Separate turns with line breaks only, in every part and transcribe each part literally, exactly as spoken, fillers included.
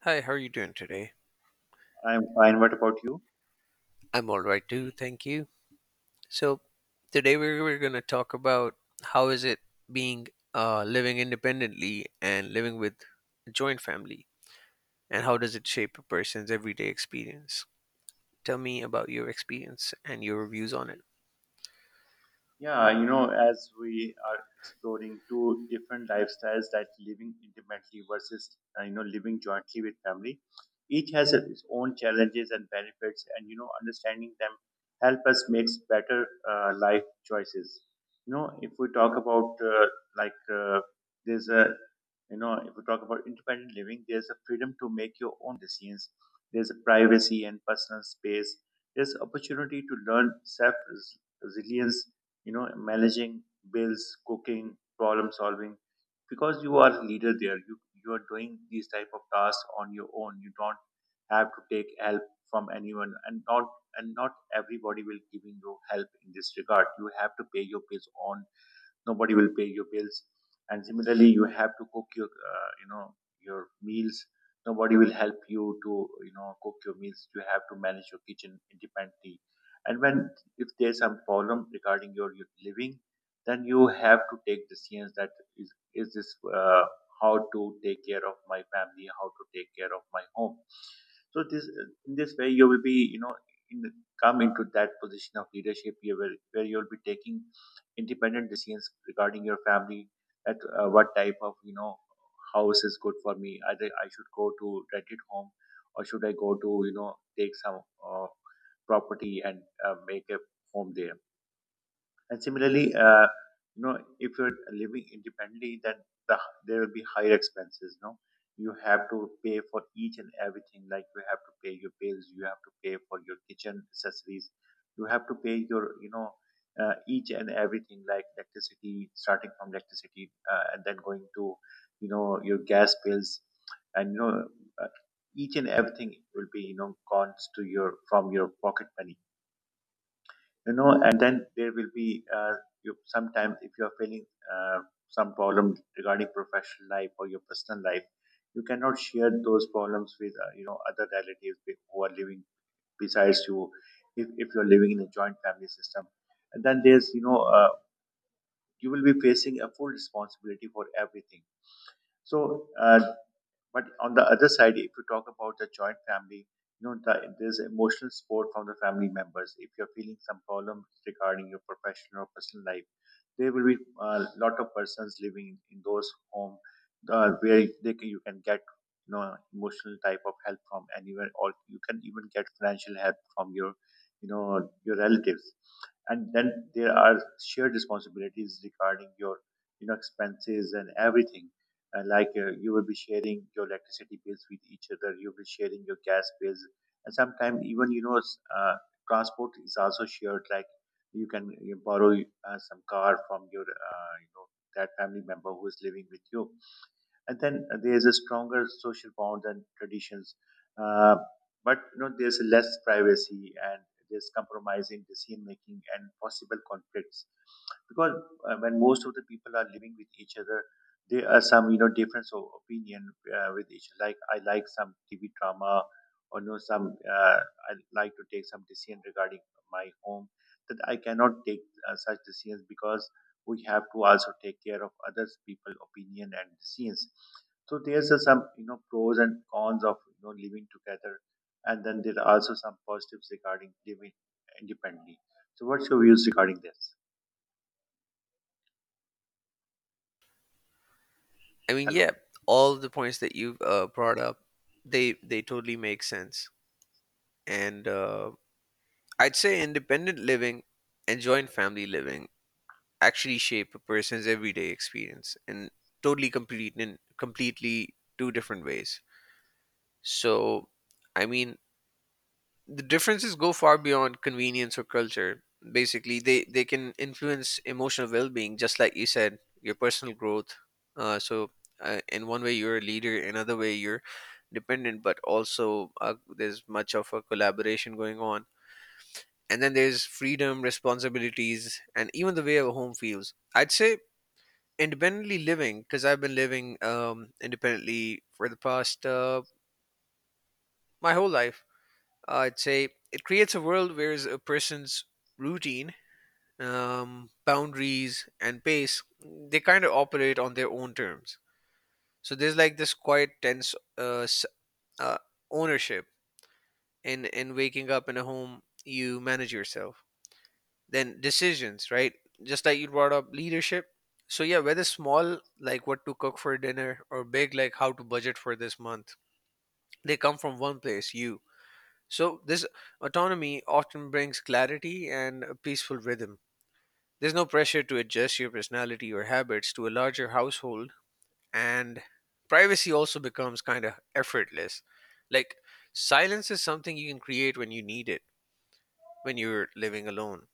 Hi, how are you doing today?
I'm fine. What about you?
I'm all right too, thank you. So, today we're, we're going to talk about how is it being uh, living independently and living with a joint family, and how does it shape a person's everyday experience? Tell me about your experience and your views on it.
Yeah, you know, as we are exploring two different lifestyles, that living independently versus, uh, you know, living jointly with family, each has its own challenges and benefits, and, you know, understanding them help us makes better uh, life choices. You know, if we talk about, uh, like, uh, there's a, you know, if we talk about independent living, there's a freedom to make your own decisions, there's a privacy and personal space, there's opportunity to learn self resilience, you know managing bills, cooking, problem solving, because you are a leader there. You you are doing these type of tasks on your own. You don't have to take help from anyone, and not and not everybody will giving you help in this regard. You have to pay your bills on, nobody will pay your bills. And similarly, you have to cook your uh, you know your meals, nobody will help you to, you know cook your meals. You have to manage your kitchen independently. And when, if there's some problem regarding your, your living, then you have to take decisions, that is is this, uh, how to take care of my family, how to take care of my home. So this, in this way, you will be, you know in come into that position of leadership here, where, where you'll be taking independent decisions regarding your family, that uh, what type of you know house is good for me, either I should go to rented home, or should I go to, you know take some, uh, property and uh, make a home there. And similarly, uh, you know, if you're living independently, then the, there will be higher expenses. No, you have to pay for each and everything. Like you have to pay your bills, you have to pay for your kitchen accessories, you have to pay your, you know, uh, each and everything like electricity, starting from electricity, uh, and then going to, you know, your gas bills, and you know, uh, each and everything will be, you know, gone to your from your pocket money. You know and then there will be, uh, you sometimes, if you are feeling uh, some problem regarding professional life or your personal life, you cannot share those problems with, uh, you know other relatives be- who are living besides you. If, if you're living in a joint family system, and then there's, you know uh, you will be facing a full responsibility for everything. So uh, but on the other side, if you talk about the joint family, you know, the, there's emotional support from the family members. If you're feeling some problems regarding your professional or personal life, there will be a lot of persons living in, in those homes, uh, where they can, you can get you know emotional type of help from anywhere, or you can even get financial help from your, you know your relatives. And then there are shared responsibilities regarding your, you know expenses and everything. And like uh, you will be sharing your electricity bills with each other, you will be sharing your gas bills, and sometimes even, you know s- uh, transport is also shared. Like you can, you borrow uh, some car from your, uh, you know that family member who is living with you. And then there's a stronger social bond and traditions. Uh, but you know, there's less privacy, and there's compromise in decision making and possible conflicts. Because uh, when most of the people are living with each other, there are some, you know difference of opinion, uh, with each. Like I like some TV drama, or you know some uh, I like to take some decision regarding my home, that I cannot take uh, such decisions, because we have to also take care of others people opinion and decisions. So there's a, some, you know pros and cons of, you know living together. And then there are also some positives regarding living independently. So what's your views regarding this?
I mean,
Hello?
yeah, all the points that you've uh, brought up, they they totally make sense. And uh, I'd say independent living and joint family living actually shape a person's everyday experience in totally complete in completely two different ways. So, I mean, the differences go far beyond convenience or culture. Basically, they they can influence emotional well-being, just like you said, your personal growth. Uh, so, uh, in one way, you're a leader; in another way, you're dependent. But also, uh, there's much of a collaboration going on. And then there's freedom, responsibilities, and even the way a home feels. I'd say independently living because I've been living um, independently for the past uh, my whole life. I'd say it creates a world where a person's routine, um, boundaries, and pace they kind of operate on their own terms. So there's like this quiet tense uh, s- uh, ownership in in waking up in a home you manage yourself, then decisions, right, just like you brought up leadership. So yeah, whether small like what to cook for dinner or big like how to budget for this month, they come from one place, you. So this autonomy often brings clarity and a peaceful rhythm. There's no pressure to adjust your personality or habits to a larger household. And privacy also becomes kind of effortless, like silence is something you can create when you need it, when you're living alone.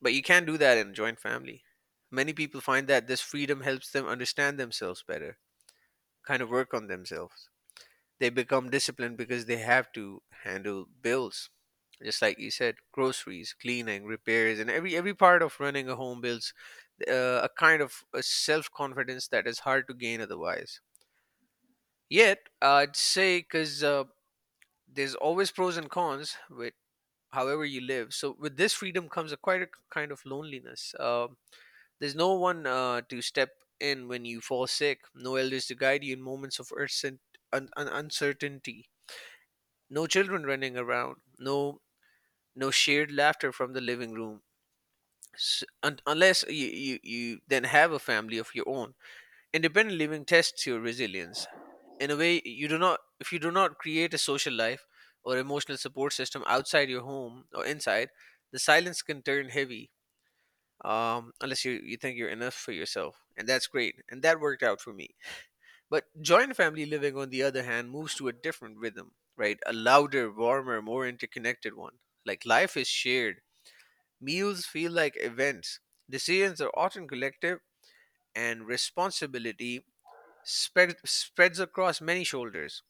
But you can't do that in a joint family. Many people find that this freedom helps them understand themselves better, kind of work on themselves. They become disciplined because they have to handle bills. Just like you said, groceries, cleaning, repairs, and every every part of running a home builds uh, a kind of a self confidence that is hard to gain otherwise. Yet, I'd say because uh, there's always pros and cons with however you live. So with this freedom comes a quite a kind of loneliness. Um There's no one uh, to step in when you fall sick, no elders to guide you in moments of urcent, un- un- uncertainty, no children running around, no no shared laughter from the living room. S- un- unless you, you, you then have a family of your own. Independent living tests your resilience. In a way, you do not if you do not create a social life or emotional support system outside your home or inside, the silence can turn heavy, um, unless you, you think you're enough for yourself. And that's great. And that worked out for me. But joint family living, on the other hand, moves to a different rhythm, right? A louder, warmer, more interconnected one. Like life is shared, meals feel like events, decisions are often collective, and responsibility spread, spreads across many shoulders.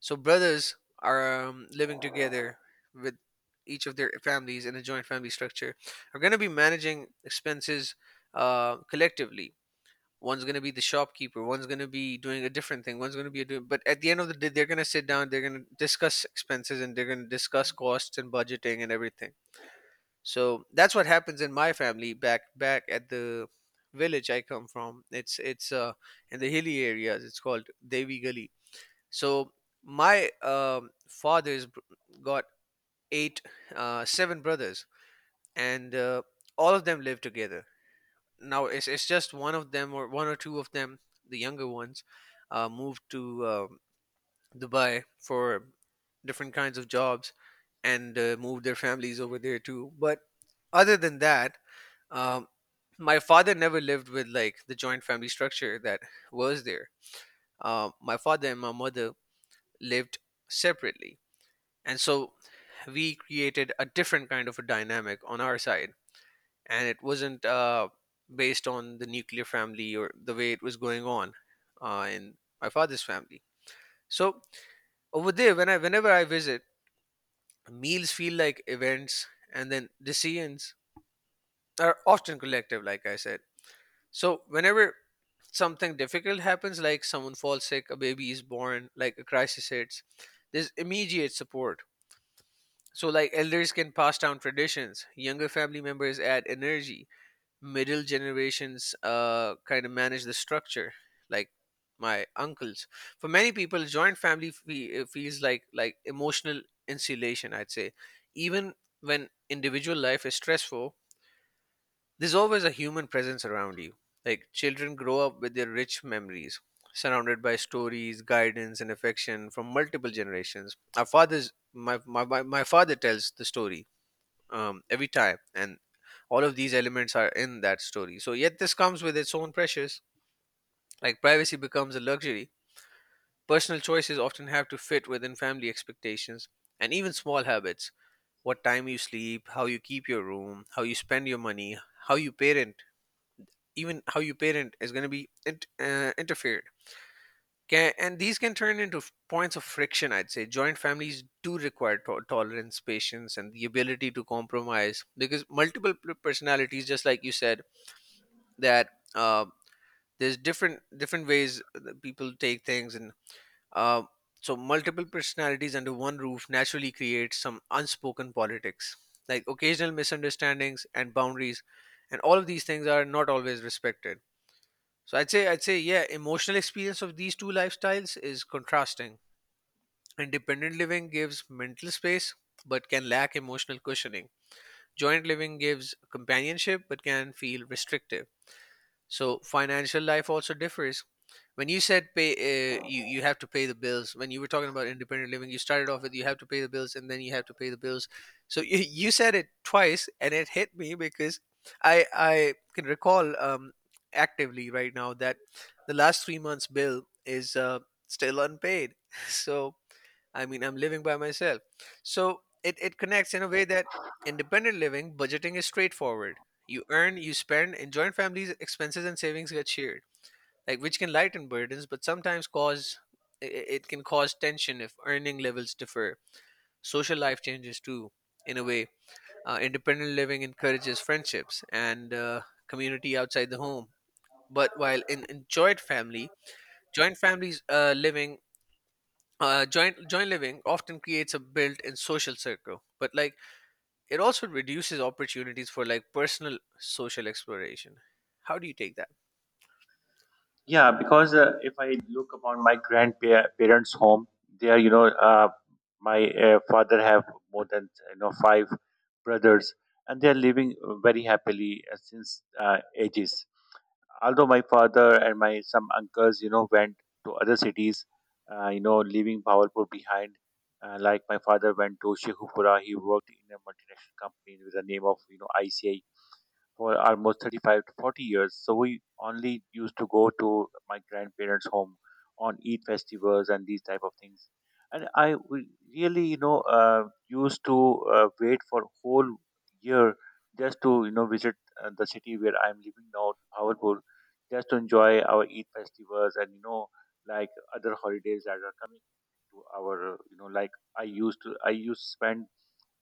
So brothers are um, living together with each of their families in a joint family structure. Are going to be managing expenses uh, collectively. One's going to be the shopkeeper. One's going to be doing a different thing. One's going to be doing. But at the end of the day, they're going to sit down. They're going to discuss expenses and they're going to discuss costs and budgeting and everything. So that's what happens in my family back back at the village I come from. It's it's uh in the hilly areas. It's called Devi Gali. So my um, father's br- got eight, uh, seven brothers, and uh, all of them live together. Now it's it's just one of them or one or two of them, the younger ones, uh, moved to um, Dubai for different kinds of jobs, and uh, moved their families over there too. But other than that, um, my father never lived with like the joint family structure that was there. Uh, my father and my mother lived separately, and so we created a different kind of a dynamic on our side, and it wasn't uh, based on the nuclear family or the way it was going on uh, in my father's family. So over there when i whenever I visit, meals feel like events, and then decisions are often collective, like I said. So whenever something difficult happens, like someone falls sick, a baby is born, like a crisis hits, there's immediate support. So, like elders can pass down traditions, younger family members add energy, middle generations uh, kind of manage the structure, like my uncles. For many people, joint family fe- uh, feels like like emotional insulation, I'd say, even when individual life is stressful, there's always a human presence around you. Like children grow up with their rich memories, surrounded by stories, guidance, and affection from multiple generations. Our fathers, my my my my father tells the story um, every time, and all of these elements are in that story. So yet this comes with its own pressures, like privacy becomes a luxury, personal choices often have to fit within family expectations, and even small habits, what time you sleep, how you keep your room, how you spend your money, how you parent, even how you parent is going to be int- uh, interfered. Can, and these can turn into f- points of friction, I'd say. Joint families do require to- tolerance, patience, and the ability to compromise because multiple p- personalities, just like you said, that uh, there's different different ways that people take things, and uh, so multiple personalities under one roof naturally creates some unspoken politics, like occasional misunderstandings and boundaries, and all of these things are not always respected. So I'd say I'd say, yeah, emotional experience of these two lifestyles is contrasting. Independent living gives mental space but can lack emotional cushioning. Joint living gives companionship but can feel restrictive. So financial life also differs. When you said pay, uh, you you have to pay the bills. When you were talking about independent living, you started off with you have to pay the bills and then you have to pay the bills. So you, you said it twice and it hit me because I I can recall um, actively right now that the last three months bill is uh, still unpaid. So I mean, I'm living by myself. So it, it connects in a way that independent living, budgeting is straightforward. You earn, you spend, and joint families' expenses and savings get shared, like which can lighten burdens, but sometimes cause i- i- it can cause tension if earning levels differ. Social life changes too, in a way. Uh, independent living encourages friendships and uh, community outside the home, but while in, in joint family, joint families uh, living uh, joint joint living often creates a built-in social circle, but like it also reduces opportunities for like personal social exploration. How do you take that?
Yeah, because uh, if I look upon my grandparents' home, they are, you know, uh, my uh, father have more than you know five brothers, and they are living very happily uh, since uh, ages. Although my father and my some uncles, you know, went to other cities, uh, you know, leaving Bawalpur behind. Uh, like my father went to Sheikhupura, he worked in a multinational company with the name of you know I C I C I for almost thirty-five to forty years. So we only used to go to my grandparents' home on Eid festivals and these type of things. And I w- really, you know, uh, used to uh, wait for whole year just to, you know, visit uh, the city where I'm living now, Bhavalpur, just to enjoy our Eid festivals and, you know, like other holidays that are coming to our, you know, like I used to, I used to spend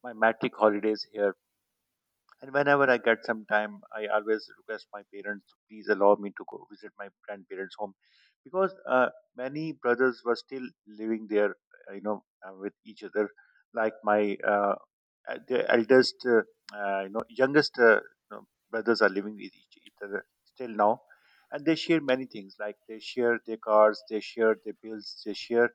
my matric holidays here. And whenever I get some time, I always request my parents to please allow me to go visit my grandparents' home, because uh, many brothers were still living there, uh, you know, uh, with each other. Like my uh, uh, the eldest, uh, uh, you know, youngest uh, you know, brothers are living with each, each other still now, and they share many things. Like they share their cars, they share their bills, they share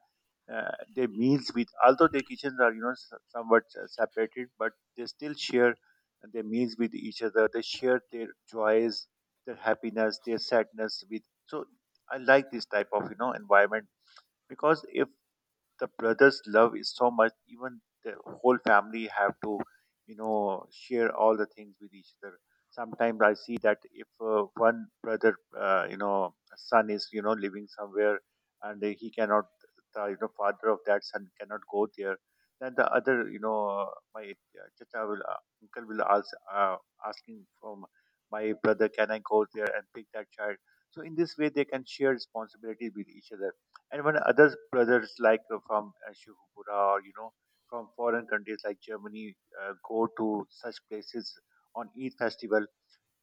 uh, their meals with. Although their kitchens are, you know s- somewhat uh, separated, but they still share and their meals with each other. They shared their joys, their happiness, their sadness with. So I like this type of, you know environment. Because if the brothers' love is so much, even the whole family have to, you know, share all the things with each other. Sometimes I see that if uh, one brother, uh, you know, son is, you know, living somewhere and he cannot, the, you know, father of that son cannot go there, then the other, you know, my uh, chacha will, uh, uncle will ask, uh, asking from my brother, can I go there and pick that child? So in this way, they can share responsibilities with each other. And when other brothers like, uh, from uh, Shivpura, or you know from foreign countries like Germany, uh, go to such places on Eid festival,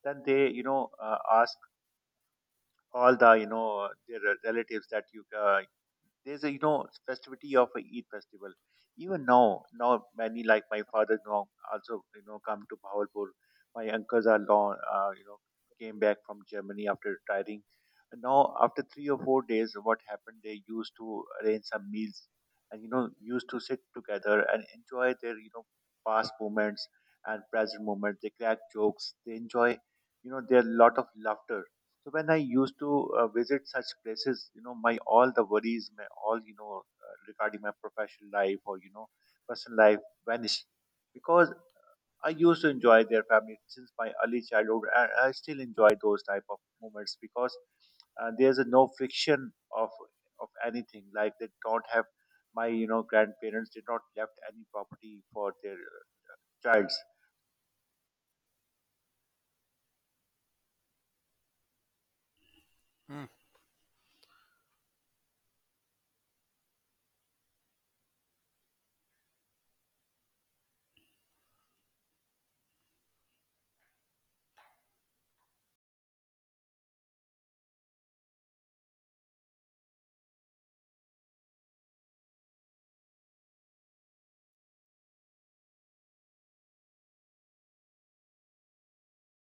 then they, you know uh, ask all the, you know their relatives that you, uh, there's a, you know festivity of a Eid festival. Even now, now many, like my father now also, you know come to Bahawalpur. My uncles are long, uh, you know came back from Germany after retiring. And now after three or four days, what happened? They used to arrange some meals, and you know used to sit together and enjoy their, you know past moments and present moments. They crack jokes. They enjoy, you know there are a lot of laughter. So when I used to uh, visit such places, you know, my all the worries, my all, you know uh, regarding my professional life, or you know personal life vanished. Because I used to enjoy their family since my early childhood, and I still enjoy those type of moments. Because uh, there's a no friction of, of anything. Like they don't have, my, you know grandparents did not left any property for their uh, childs